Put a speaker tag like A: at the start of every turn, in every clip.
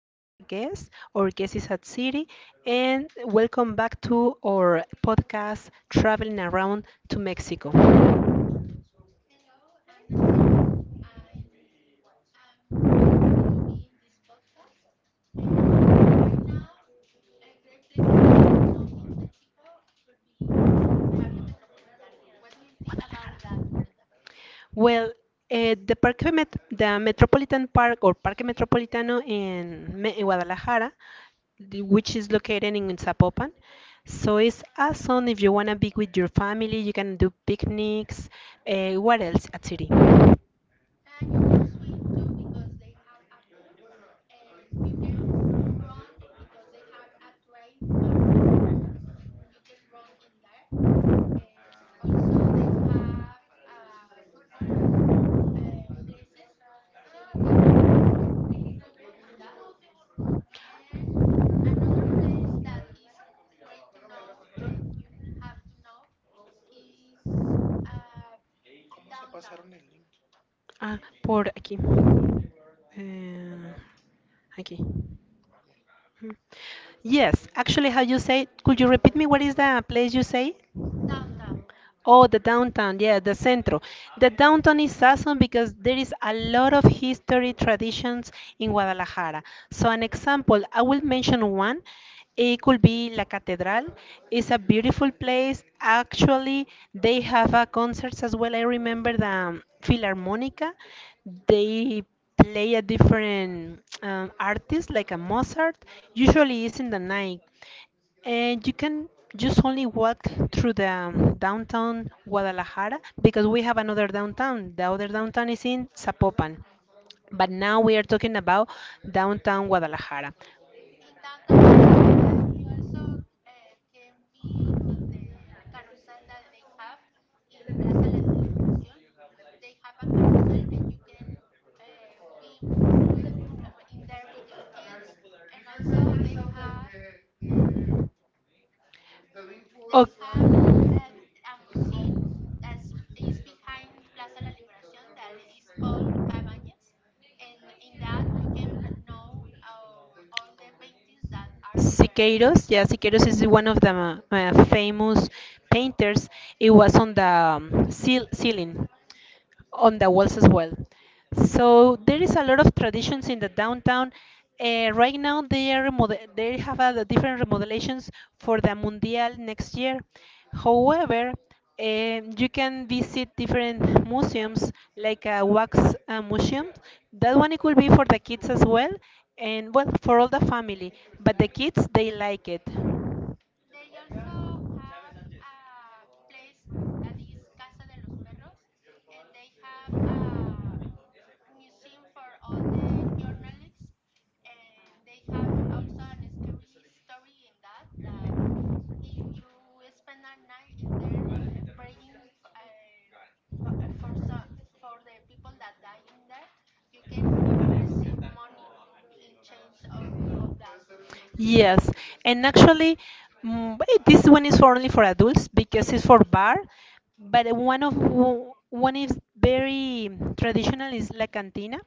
A: we have a guest. Our guest is at City, and welcome back to our podcast, Traveling Around to Mexico.
B: Hello, I'm Natsiri. I'm I'm very happy to be in this podcast. And Right now, a great places to know in Mexico could be El Parque Metropolitano. What do you think about that, Brenda?
A: Well, the Metropolitan Park or Parque Metropolitano in Guadalajara, which is located in Zapopan. So it's awesome if you wanna be with your family. You can do picnics. What else at City?
B: You can swim too because they have a pool, and you can run because they have a trademark for you can run in that. And also they have football places, so you can play football in that. And another place that is great to know and you have to know is uh, downtown
A: Ah, por aquí. Eh, Aquí. Yes, actually, how you say, could you repeat me what is the place you say?
B: downtown.
A: Oh, the downtown, yeah, the centro. The downtown is awesome because there is a lot of history traditions in Guadalajara. So, an example, I will mention one. It could be La Catedral. It's a beautiful place. Actually, they have a concerts as well. I remember the Philharmonica. They play a different artist, like a Mozart. Usually, it's in the night. And you can just only walk through the downtown Guadalajara because we have another downtown. The other downtown is in Zapopan. But now we are talking about downtown Guadalajara.
B: In downtown Guadalajara, you also can be in the carousel that they have in Plaza La Liberación. They have a carousel, and you can uh, be w- with in there with your kids. And also, they have
A: Oh.
B: a, a museum that is behind Plaza La Liberación that is called Cabañas. And in that, you can know all the paintings that are in there.
A: Siqueiros, yeah, Siqueiros is one of the famous painters. It was on the ceiling on the walls as well. So there is a lot of traditions in the downtown. Right now, they have a different remodelations for the Mundial next year. However, you can visit different museums like a wax museum. That one it could be for the kids as well, and well for all the family. But the kids they like it.
B: They also have a place that is Casa de los Perros, and they have a museum for all the journalists, and they have also an scary story in that that if you spend a night in there praying for uh, for, so, for the people that die in there, you can receive money in change of that.
A: Yes, and actually, this one is for only for adults because it's for bar. But one is very traditional is La Cantina.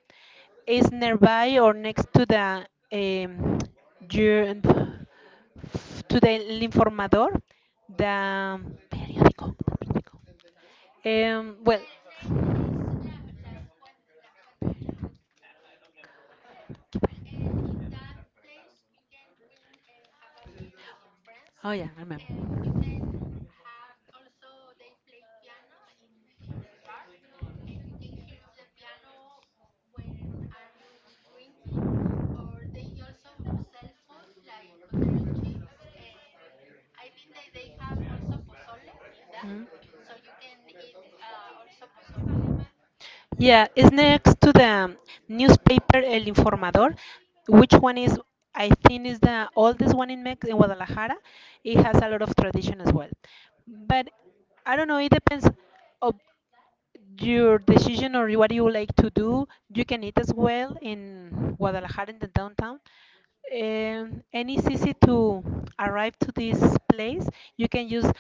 A: It's nearby or next um, jur- to the El Informador, the periódico. Well,
B: The name is Las Fuente, La Fuente. And in that place, you can drink and have a beer with your friends.
A: oh yeah, I remember.
B: And you can have also, they play piano in the bar. And you can hear the piano when are you drinking. Or they also sell food like potato chips. And I think that they have also pozole in that. So you can eat also pozole in that.
A: Yeah, it's next to the newspaper El Informador, which one is, I think, is the oldest one in Guadalajara. It has a lot of tradition as well. But I don't know, it depends of your decision or what you like to do. You can eat as well in Guadalajara in the downtown. And it's easy to arrive to this place. You can use uh,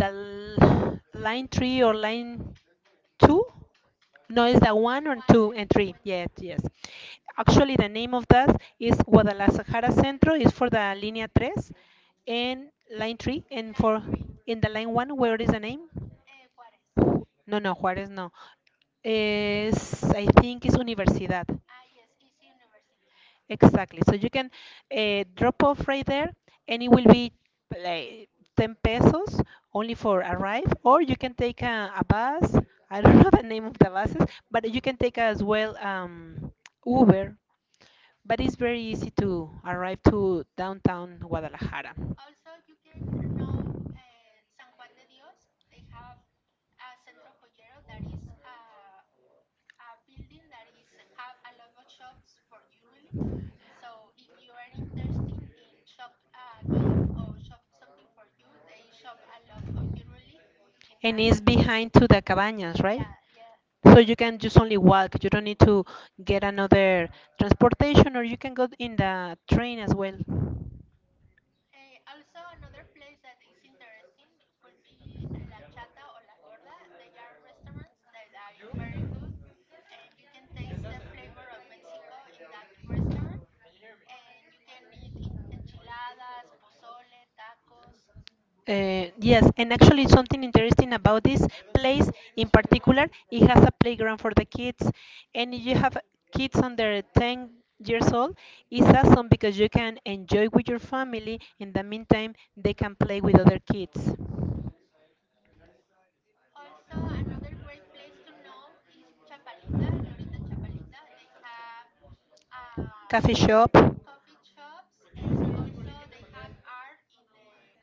A: the l- line 3 or line 2. No, it's the one and
B: One
A: two and
B: and
A: three.
B: one
A: Yes,
B: to
A: yes. Actually, the name of that is Guadalajara Centro. Is for the línea tres and line 3, and
B: line
A: for
B: three,
A: in the line 1, where is the name?
B: Juarez.
A: No, no, Juárez, no. I think it's Universidad.
B: Ah, yes, it's university.
A: Exactly. So you can drop off right there, and it will be like 10 pesos only for arrive, or you can take a bus. I don't know the name of the buses, but you can take as well Uber. But it's very easy to arrive to downtown Guadalajara.
B: Also, you can know San Juan de Dios. They have a Centro Joyero that is a building that is have a lot of shops for you really. So if you are interested in shop a gift or shop something for you, they shop a lot of jewelry in
A: And
B: that.
A: it's behind to the cabañas, right?
B: Yeah, yeah.
A: So you can just only walk. You don't need to get another transportation, or you can go in the train as well.
B: Also, another place that is interesting could be La Chata or La Gorda. They are restaurants that are very good, and you can taste the flavor of Mexico in that restaurant. And you can eat in enchiladas, pozole, tacos.
A: Yes, and actually, something interesting about this place in particular, it has a playground for the kids, and if you have kids under 10 years old, it's awesome because you can enjoy with your family. In the meantime, they can play with other kids.
B: Also, another great place to know is Chapalita, Glorita Chapalita. They have uh,
A: Shop
B: coffee shops, and also they have art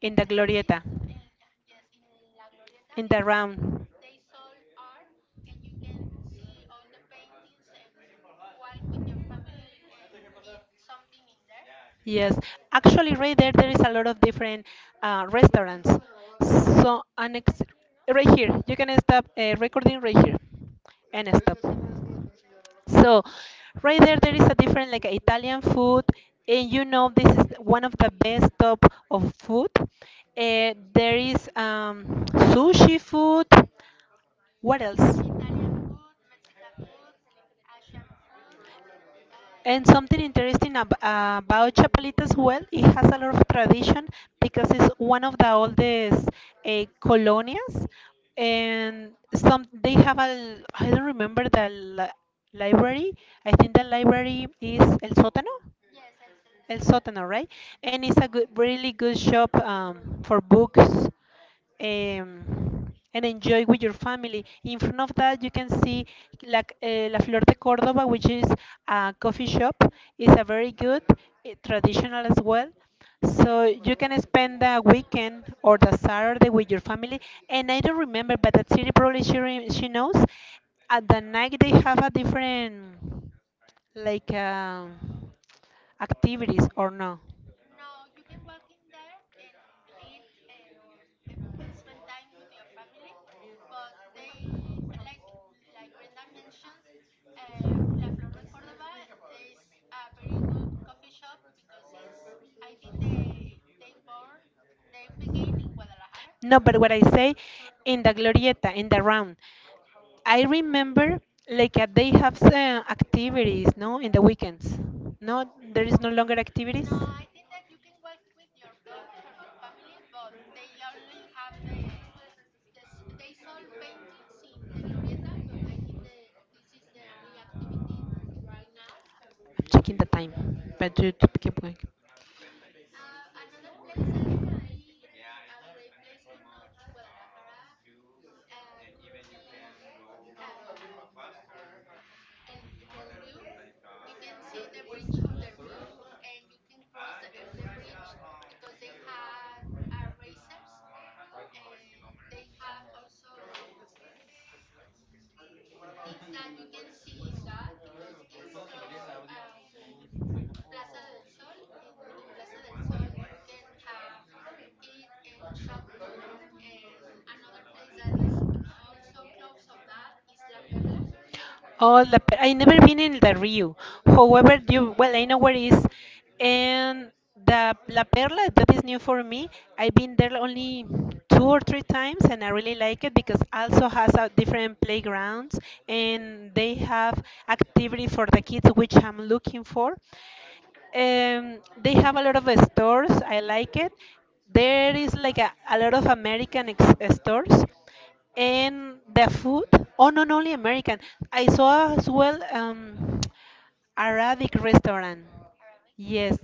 A: the in
B: in
A: the
B: the
A: Glorieta,
B: streets. In, yes, in La Glorieta they have,
A: round.
B: they sold art, and you can see all the paintings and walk with your family and eat something in there.
A: Yes, actually, right there, there is a lot of different restaurants. So, right here, you can stop recording right here and stop. So, right there, there is a different like Italian food, and you know this is one of the best top of food. There is sushi food. What else?
B: Italian food, Mexican food, Asian food.
A: And
B: Uh,
A: something interesting ab about Chapalita as well, it has a lot of tradition because it's one of the oldest colonias, and some they have I don't remember the li library. I think the library is El Sótano.
B: yes, el, el
A: El
B: sótano.
A: Sótano, right? And it's a good, really good shop for books and enjoy with your family. In front of that, you can see La Flor de Córdoba, which is a coffee shop. It's a very good, traditional as well. So you can spend the weekend or the Saturday with your family. And I don't remember, but that city probably she knows. At the night, they have a different like activities or no?
B: No, you can walk in there and eat and spend time with your family, but they like Brenda mentions, La Flor de Córdoba. There is a very good coffee shop because it's I think they born, they begin in Guadalajara.
A: No, but what I say in the glorieta, in the round, I remember like they have activities, no, in the weekends. No, there is
B: No.
A: no longer activities.
B: No, I
A: I'm
B: think that you can walk with your dogs or your family, but they only have they sold paintings in the Glorieta, but I think that this is the only activity right now.
A: checking the time, but you to keep going.
B: Another place that could be a great place to know in Guadalajara could be. uh, El, El Rio. You can see the bridge of the Rio, and you can cross the bridge because they have racers, and they have also mm things that you can see in that because it's close to Plaza del Sol. And in Plaza del Sol you can have eat and shop too, and another place that is also close of that is La Perla.
A: Oh, I never been in the Rio. However, you well, I know where it is, and the La Perla that is new for me. I've been there only two or three times, and I really like it because also has a different playgrounds, and they have activity for the kids, which I'm looking for. They have a lot of stores. I like it. There is like a lot of American stores and the food. Oh, not only American. I saw as well Arabic restaurant.
B: Arabic.
A: Yes,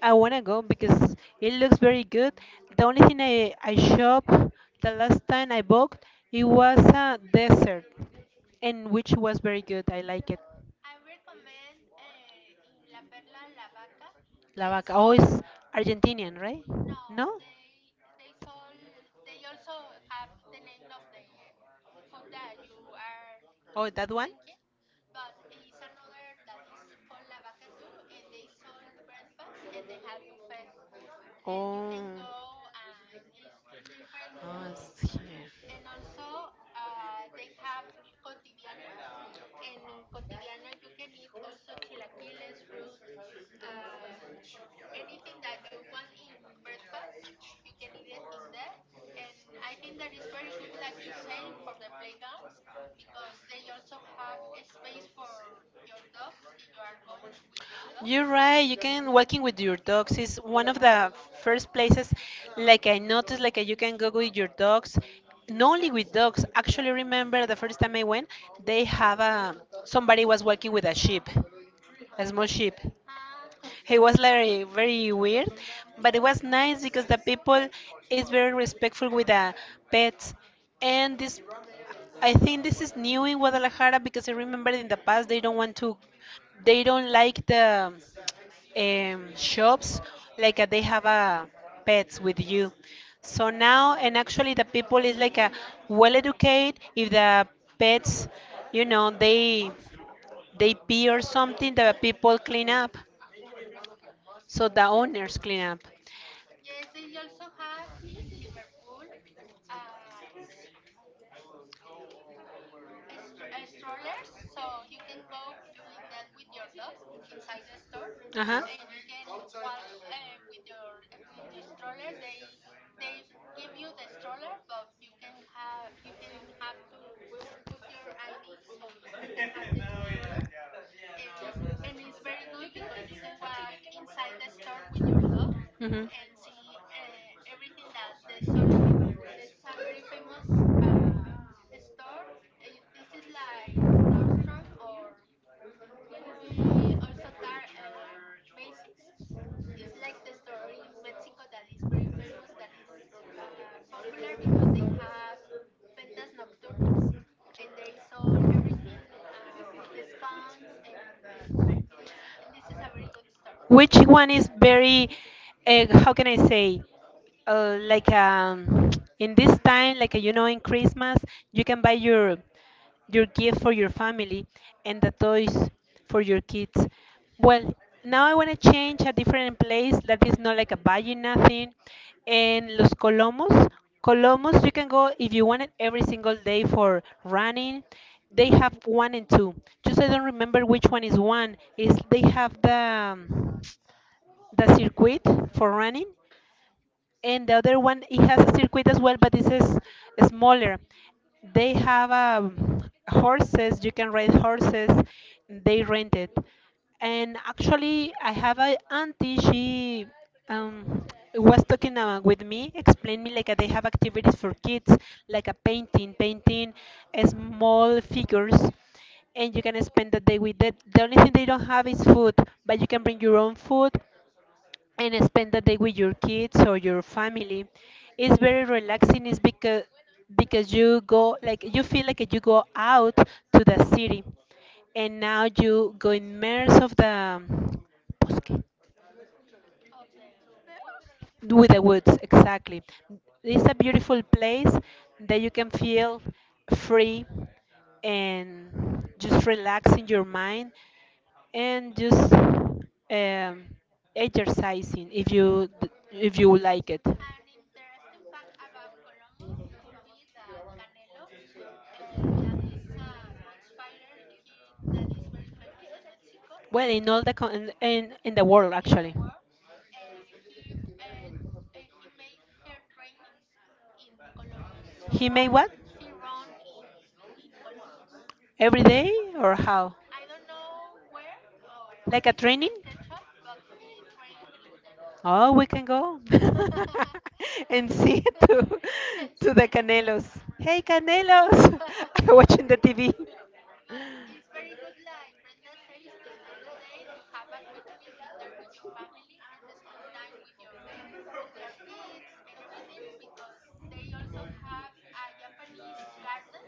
A: I wanna go because it looks very good. The only thing I shop the last time I booked it was a dessert, and which was very good. I like it.
B: I recommend in La Perla La Vaca.
A: La
B: They
A: Vaca. Oh,
B: sold,
A: it's Argentinian, right?
B: no,
A: No?
B: they they sol they also have the name of the food that you are
A: Oh, that one?
B: thinking, but it's another that is called La Vaca too, and they sold breakfast and they have buffet, and you
A: Oh.
B: can go and eat different
A: Oh,
B: foods.
A: it's
B: And also, they have cotidiano, and in cotidiano you can eat also chilaquiles, fruit, uh, anything that you want in
A: here.
B: breakfast, you can eat it in there. And I think that is very good, like you say, for the playgrounds because they also have a space for your dogs if you are going with your
A: You're
B: dogs.
A: right. You can walking with your dogs is one of the first places. Like I noticed, like you can go with your dogs. Not only with dogs. Actually, remember the first time I went, they have a somebody was walking with a sheep, a small sheep.
B: Ah.
A: He was like very weird, but it was nice because the people is very respectful with the pets, and this I think this is new in Guadalajara because I remember in the past they don't want to, they don't like the shops like they have pets with you. So now and actually the people is like a well educated if the pets, you know, they they pee or something the people clean up so the owners clean up.
B: Yes, they also have in Liverpool uh, s- a strollers, so you can go in that with your dog inside the store,
A: Uh-huh.
B: and you can walk with your stroller. They give you the stroller, but you can have to put your ID so you can have the stroller, and it's very good because you can walk inside the store with your dog
A: hmm
B: and see everything that they sell in Liverpool. There's a very famous store. This is like Nordstrom or could
A: Also,
B: be also tar Macy's. It's like the store in Mexico that is very famous, that is popular because they have ventas nocturnas, and they sell everything with discounts. And this this is a very good store.
A: which one is very, how can I say, like in this time, like in Christmas, you can buy your gift for your family, and the toys for your kids. Well, now I want to change a different place that is not like a buying nothing. And Los Colomos, Colomos, you can go if you want it every single day for running. They have one and two. Just I don't remember which one. Is they have the circuit for running, and the other one it has a circuit as well, but this is smaller. They have horses, you can ride horses, they rent it. And actually, I have a auntie, she um, was talking with me, explained me like they have activities for kids like a painting small figures, and you can spend the day with that. The only thing they don't have is food, but you can bring your own food and spend the day with your kids or your family. It's very relaxing. It's because you go like you feel like you go out to the city, and now you go immerse of the bosque
B: Of the woods.
A: with the woods exactly. It's a beautiful place that you can feel free and just relax in your mind and just exercising if you like it.
B: An interesting fact about Columbus could be that Canelo, that is a box fighter here that is very famous in Mexico,
A: Well, in all the co- in the world
B: in the
A: actually.
B: world, he made her trainings in Columbus.
A: He made what?
B: He run in Columbus.
A: Every day or how?
B: I don't know where or what
A: Like a
B: is
A: training?
B: his schedule, but he trained in there.
A: Oh, we can go and see to
B: El
A: to
B: sí
A: the
B: Canelo.
A: Canelos. Hey,
B: Yes.
A: Canelos! Watching the TV.
B: But it's very good like Brenda says to spend the day, to have a picnic in there with your family and spend time with your kids and everything because they also have a Japanese garden,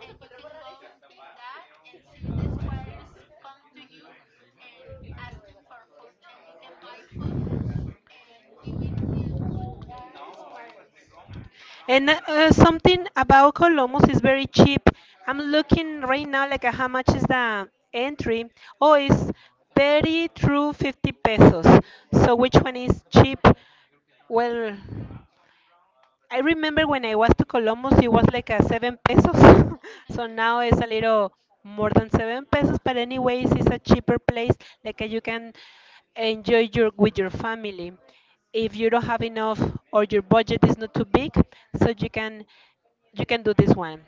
B: and you can go in that and see the squares come to you and asking for food, and you can buy food and give it to the squirrels.
A: And something about Columbus is very cheap. I'm looking right now like how much is the entry? Oh, it's 30 through 50 pesos. So which one is cheap? Well, I remember when I was to Columbus, it was like a 7 pesos. So now it's a little more than 7 pesos. But anyways, it's a cheaper place. Like you can enjoy your with your family. If you don't have enough or your budget is not too big, so you can do this one.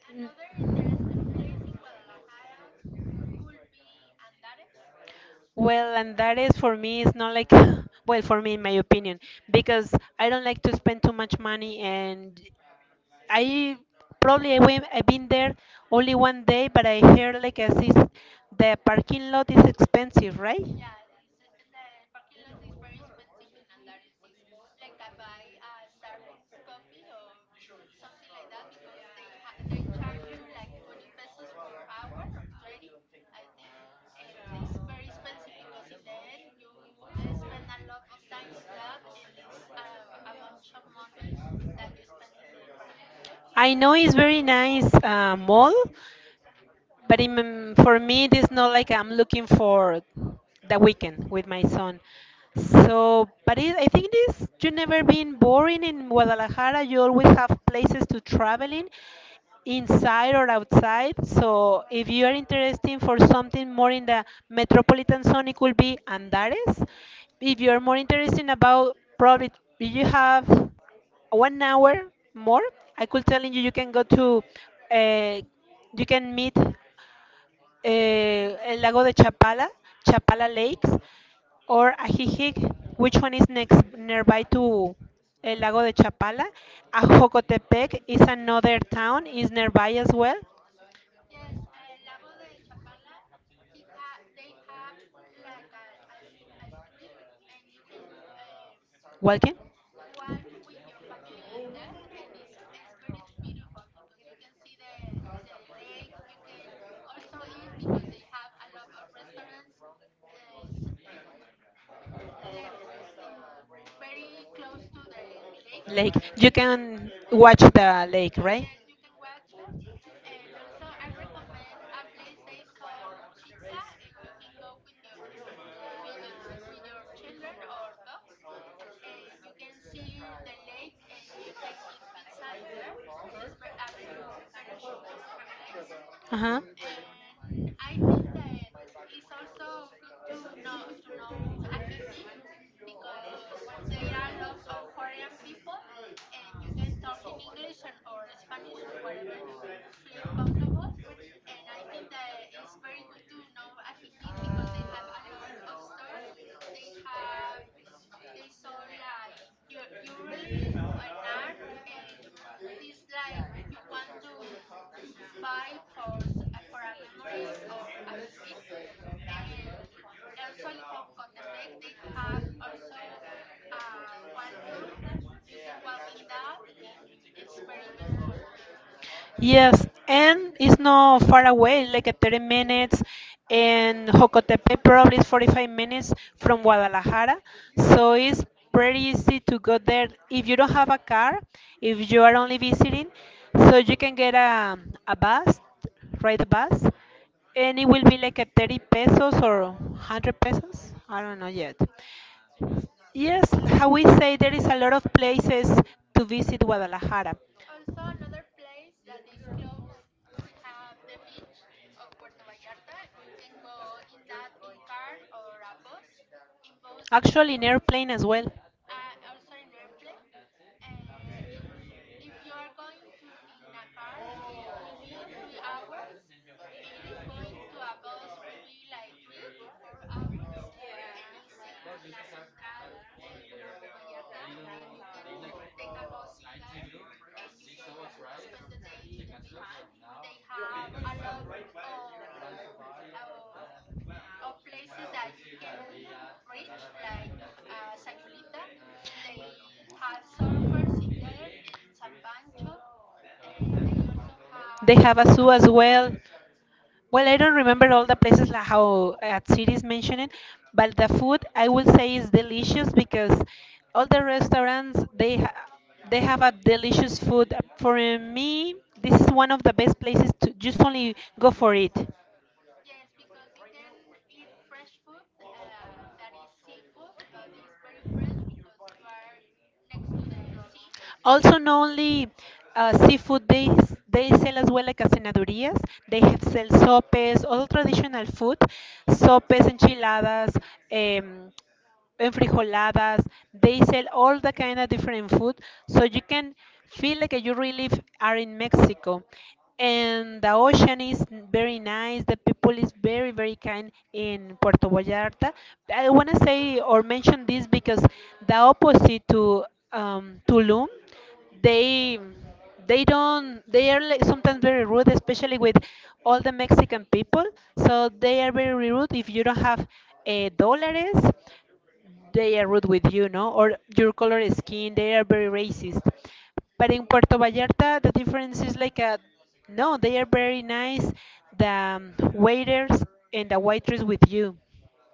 B: Another interesting place in Guadalajara could be Andares.
A: Well, and that is for me, it's not like, well, for me, in my opinion, because I don't like to spend too much money and I probably I went, I've been there only one day, but I heard like as is the parking lot is expensive, right?
B: Yeah, this the parking lot is very expensive in Andares. It's like I buy a Starbucks coffee or something like that because they charge you like 20 pesos for hour or 30, I think. And it's very expensive because in the end you spend a lot of time in that, and it's a bunch of money that you spend in the parking lot.
A: I know it's very nice mall, but for me it is not like I'm looking for the weekend with my son. So I think this you never been boring in Guadalajara. You always have places to travel in inside or outside. So if you are interested for something more in the metropolitan zone, it could be Andares. If you are more interested about probably, if you have 1 hour more, I could tell you you can go to, uh, you can meet, el Lago de Chapala, Chapala Lakes, or Ajijic. Which one is next nearby to El Lago de Chapala? Ajocotepec is another town, is nearby as well.
B: Yes, Lago de Chapala, he ha they have like a street, and you can
A: Walking.
B: walk with your family in that, and it's very beautiful because you can see the lake. You can also eat because they have a lot of restaurants as in left in very close to the lake.
A: Lake. You
B: And you...
A: can watch the lake, right?
B: Yes, you can watch it. And also, I recommend a place they sell pizza, and you can go with your children or dogs, and you can see the lake, and you can eat pizza in there. A beautiful, beautiful place.
A: Uh-huh.
B: And I think that it's also good to know Ajijip because there are a lot of foreign people, and you can talk in English and or Spanish whatever you feel comfortable. And I think that it's very good to know Ajijip because they have a lot of stores. They have, they saw like you really an art. And this like you want to buy for a memory of Afiji. And also in Jocotepec they have also a walk through, you can walk in that, in it's very beautiful too.
A: Yes, and it's not far away, like a 30 minutes, and Jocotepe probably is 45 minutes from Guadalajara. So it's pretty easy to go there if you don't have a car, if you are only visiting. So you can get a bus, ride a bus, and it will be like a 30 pesos or 100 pesos. I don't know yet. Yes, how we say, there is a lot of places to visit Guadalajara.
B: Also, another place that is close, we have the beach of Puerto Vallarta. You can go in that in car or a bus. In bus,
A: Actually, in airplane as well.
B: also in airplane. If you are going to in a car, it will be 3 hours. If you're going to a bus, will be like 3 to 4 hours, and it's in La Central and Nuevo Vallarta, and you can take a bus in there, and you can spend the day in the beach. They have a lot of of or places that you can reach, like Sayulita. They have surfers in there in San Pancho. They also
A: They
B: have
A: have a
B: Punta
A: zoo as
B: Mita.
A: well. Well, I don't remember all the places like how cities mentioned, but the food I will say is delicious because all the restaurants they have a delicious food. For me, this is one of the best places to just only go for it.
B: Yes, because you can eat fresh food that is seafood, but it's very fresh because you are next to the sea. uh,
A: Also, not only seafood, they sell as well like a cenadurías. They have sell sopes, all traditional food, sopes, enchiladas. Um, enfrijoladas. They sell all the kind of different food, so you can feel like you really are in Mexico. And the ocean is very nice. The people is very very kind in Puerto Vallarta. I want to say or mention this because the opposite to Tulum, they they don't, they are like sometimes very rude, especially with all the Mexican people. So they are very rude. If you don't have dollars, they are rude with you, no? Or your color skin, they are very racist. But in Puerto Vallarta, the difference is like a, no, they are very nice. The waiters and the waitress with you.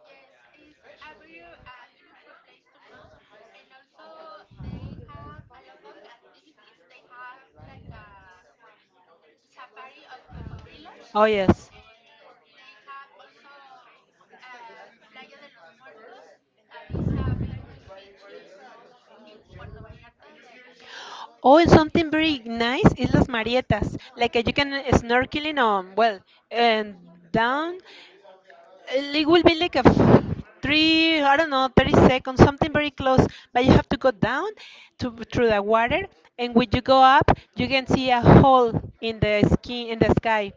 B: Yes, it's a very a beautiful place to know, and also they have a lot of activities. They have like a safari of cocodrilos,
A: Oh yes.
B: and they have also Playa de los Muertos that is a famous beach in Puerto Vallarta that you can know.
A: Oh, and something very nice is las Marietas. Like you can snorkeling on well and down. It will be like a three, I don't know, 30 seconds, something very close. But you have to go down to through the water, and when you go up, you can see a hole in the skin in the sky,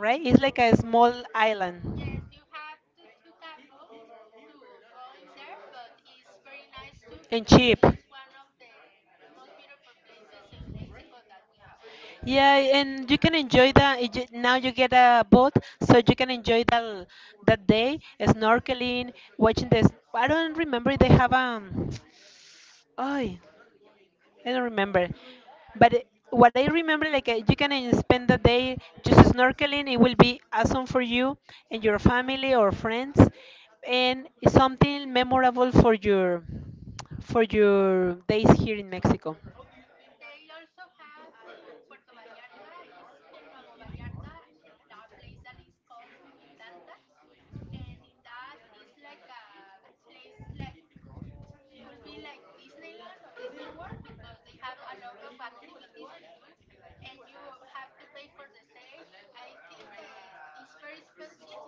A: right? It's like a small island.
B: Yes, you have to took a boat to go in there, but it's very nice too
A: And
B: because
A: cheap.
B: it's one of the most beautiful places in Mexico that we have.
A: Yeah, and you can enjoy the now you get a boat, so you can enjoy that that day snorkeling, watching this. I don't remember if they have Oh. I don't remember. But what I remember, like you can spend the day just snorkeling. It will be awesome for you and your family or friends, and it's something memorable for your days here in Mexico.
B: They also have in Puerto Vallarta, is in Nuevo Vallarta, a place that is called Vidanta, and in that is like a place like could be like Disneyland or Disney World because they have a lot of activities to do, and you have to pay for the stay. I think that it's very expensive,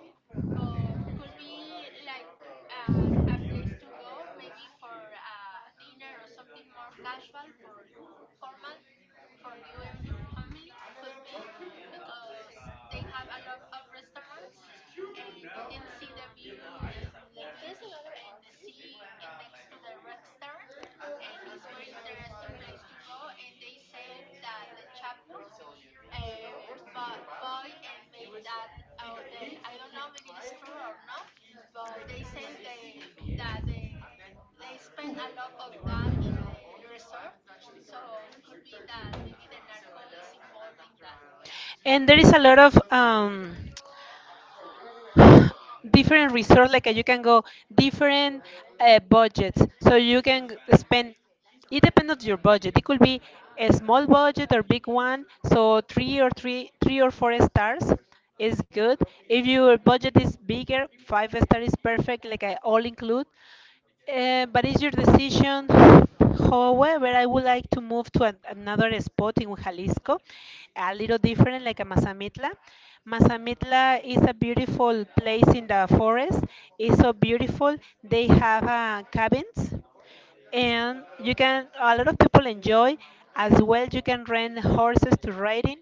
B: but could be like a place to go, maybe for a dinner or something more casual for formal for you and your family. Could be because they have a lot of restaurants, and you can see the view in the beach and the sea in next to the restaurant, and it's very interesting place to go. And they say that the chapo boy and made that hotel. I don't know if it is true or not, but they say they that they spend a lot of that in the resort, so could be that maybe the narco is involved in that.
A: And there is a lot of different resource. Like you can go different budgets, so you can spend, it depends on your budget. It could be a small budget or big one. So three or four stars is good. If your budget is bigger, five star is perfect, like I all include. But it's your decision. However, I would like to move to another spot in Jalisco, a little different, like a Mazamitla. Mazamitla is a beautiful place in the forest. It's so beautiful. They have cabins, and you can a lot of people enjoy. As well, you can rent horses to riding.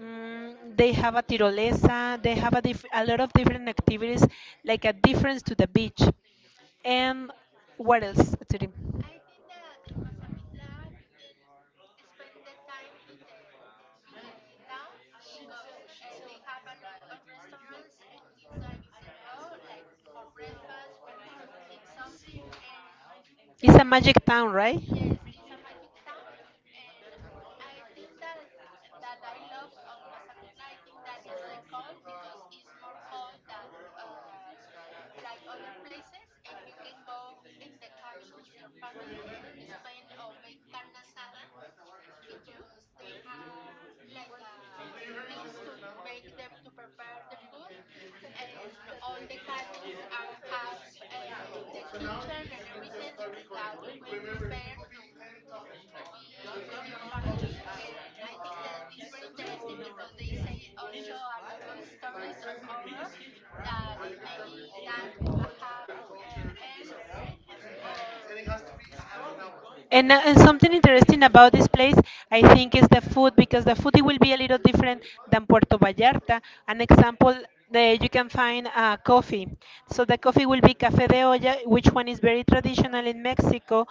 A: Mm, they have a tirolesa, they have a lot of different activities, like a difference to the beach. And what else, Tere?
B: I think that in Mazamitla you can spend the time in the town because they have a lot of restaurants and things that you can go, like for breakfast, for eat something, and
A: It's a
B: the.
A: magic town, right?
B: Yes, it's a magic town, and I think that I love of Mazamitla. I think that is the cold, because it's more cold than uh, like other places, and you can go in the cabin with your family and spend or make carne asada because they have like things to make them to prepare the food, and all the cabins are have the kitchen and everything that you will prepare to be with your family. And I think that it's very interesting because they say also a lot of stories of horror that maybe in that have elves or.
A: And and something interesting about this place, I think, is the food, because the food it will be a little different than Puerto Vallarta. An example, you can find coffee. So the coffee will be café de olla, which one is very traditional in Mexico.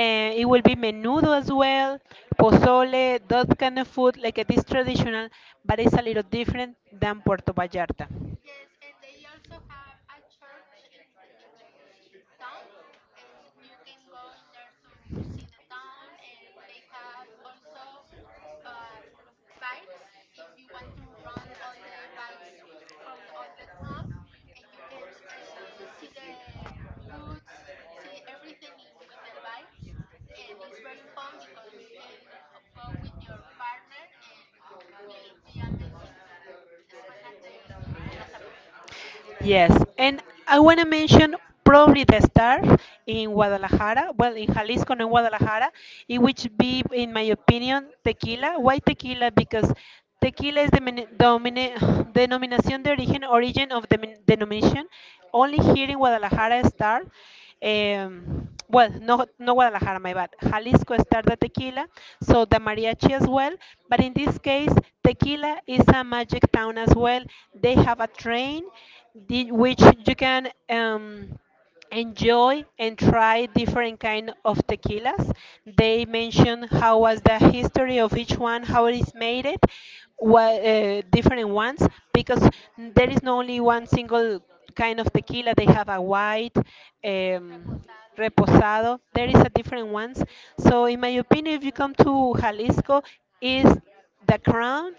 A: It will be menudo as well, pozole, that kind of food, like it is traditional, but it's a little different than Puerto Vallarta.
B: Yes, and they also have a church in the town, and you can go in there to see the town. And they have also um, bikes if you want to run all the bikes from all the town, and you can see the goods, see everything in, with the bikes. And it's very fun because you can go with your partner, and will be amazing to spend a day in Mazamitla.
A: Yes, and I want to mention probably the star in Guadalajara, well, in Jalisco and in Guadalajara, it which be, in my opinion, tequila. Why tequila? Because tequila is the domine, denomination, the origin, origin of the denomination. Only here in Guadalajara star. Well, no, no Guadalajara, my bad. Jalisco star the tequila, so the mariachi as well. But in this case, tequila is a magic town as well. They have a train which you can enjoy and try different kind of tequilas. They mention how was the history of each one, how it is made it, what different ones, because there is not only one single kind of tequila. They have a white,
B: Reposado.
A: reposado. There is a different ones. So in my opinion, if you come to Jalisco, is the crown,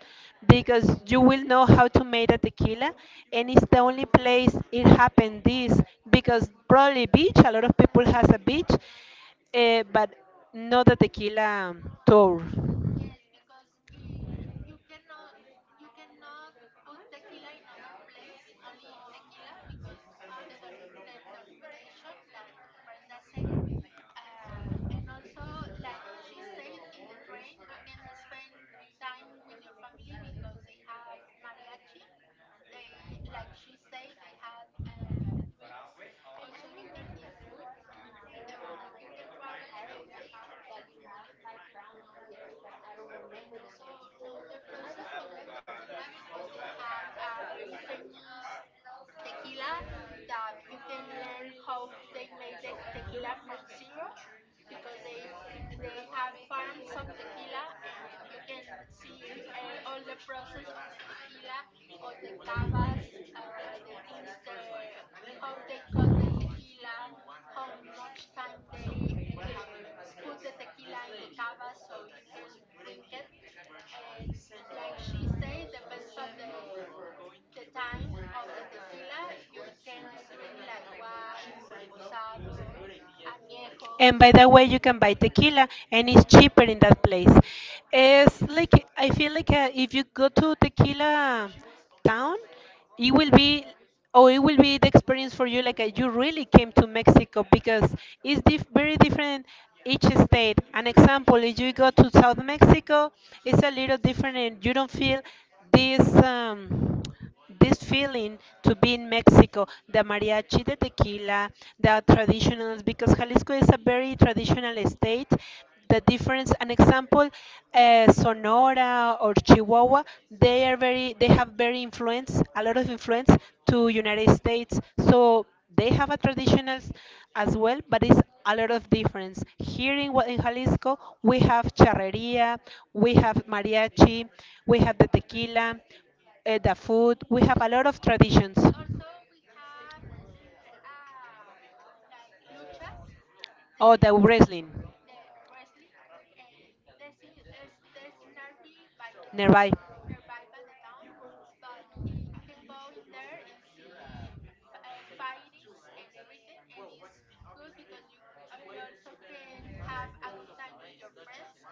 A: because you will know how to make a tequila, and it's the only place it happened this, because probably beach a lot of people has a beach, but not the tequila tour.
B: Yes, because eh, you cannot put tequila in other place, only in tequila because the denomination that Brenda said. And also, like she said, in the train you can spend time with your family because they have mariachi. They, like she said, they had drinks. Also, you can eat food. You can travel in a car if you want to know tequila, and also know the process of the tequila because they have a very famous tequila that you can learn how they made the tequila from zero because they have farms of tequila, and you can see all the process of the tequila, all the cavas, the things the how they cut the tequila, how much time they uh, put the tequila in the cava so you can drink it. And like she said, depends of the time of the tequila, you can drink like white, reposado, añejo.
A: And by the way, you can buy tequila, and it's cheaper in that place. It's like I feel like if you go to tequila town, it will be, oh, it will be the experience for you. Like you really came to Mexico because it's very different each state. An example, if you go to South Mexico, it's a little different and you don't feel this this feeling to be in Mexico, the mariachi, the tequila, the traditionals, because Jalisco is a very traditional state. The difference, an example, Sonora or Chihuahua, they have very influence, a lot of influence to United States. So they have a traditionals as well, but it's a lot of difference. Here in, in Jalisco, we have charreria, we have mariachi, we have the tequila, the food, we have a
B: Yes.
A: lot of traditions.
B: Also, we have l- uh, like luchas,
A: Oh,
B: the
A: the wrestling,
B: the wrestling, and there's I- is there's nearby by the town,
A: nearby.
B: nearby by the town. But you can go in there and see fightings and everything, and it's good because you also can have a good time with your friends,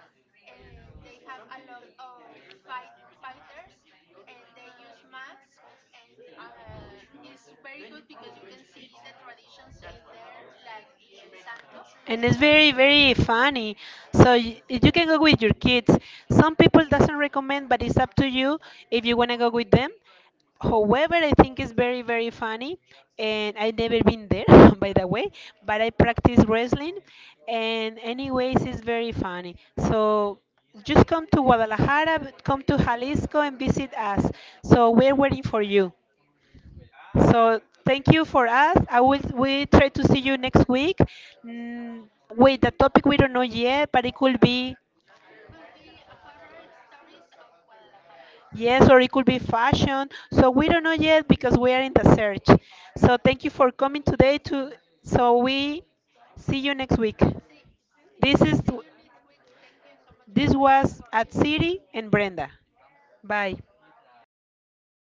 B: and they have a lot of fighters, and they use mask, and it's very good because you can see the traditions in there, like El Santo.
A: And it's very very funny, so you can go with your kids. Some people doesn't recommend, but it's up to you if you want to go with them. However, I think it's very very funny, and I never been there by the way, but I practice wrestling, and anyways it's very funny. So just come to Guadalajara, come to Jalisco, and visit us. So we're waiting for you. So thank you for us. I will, we try to see you next week. Mm, with the topic we don't know yet, but it could be,
B: Could be horror stories of Guadalajara.
A: yes, or it could be fashion. So we don't know yet because we are in the search. So
B: Yes,
A: thank you for coming today to, so we see you next week.
B: see,
A: This
B: yes
A: is,
B: see you next week. Thank you so much for
A: this was
B: for
A: at
B: heroes.
A: Siri and Brenda. Bye.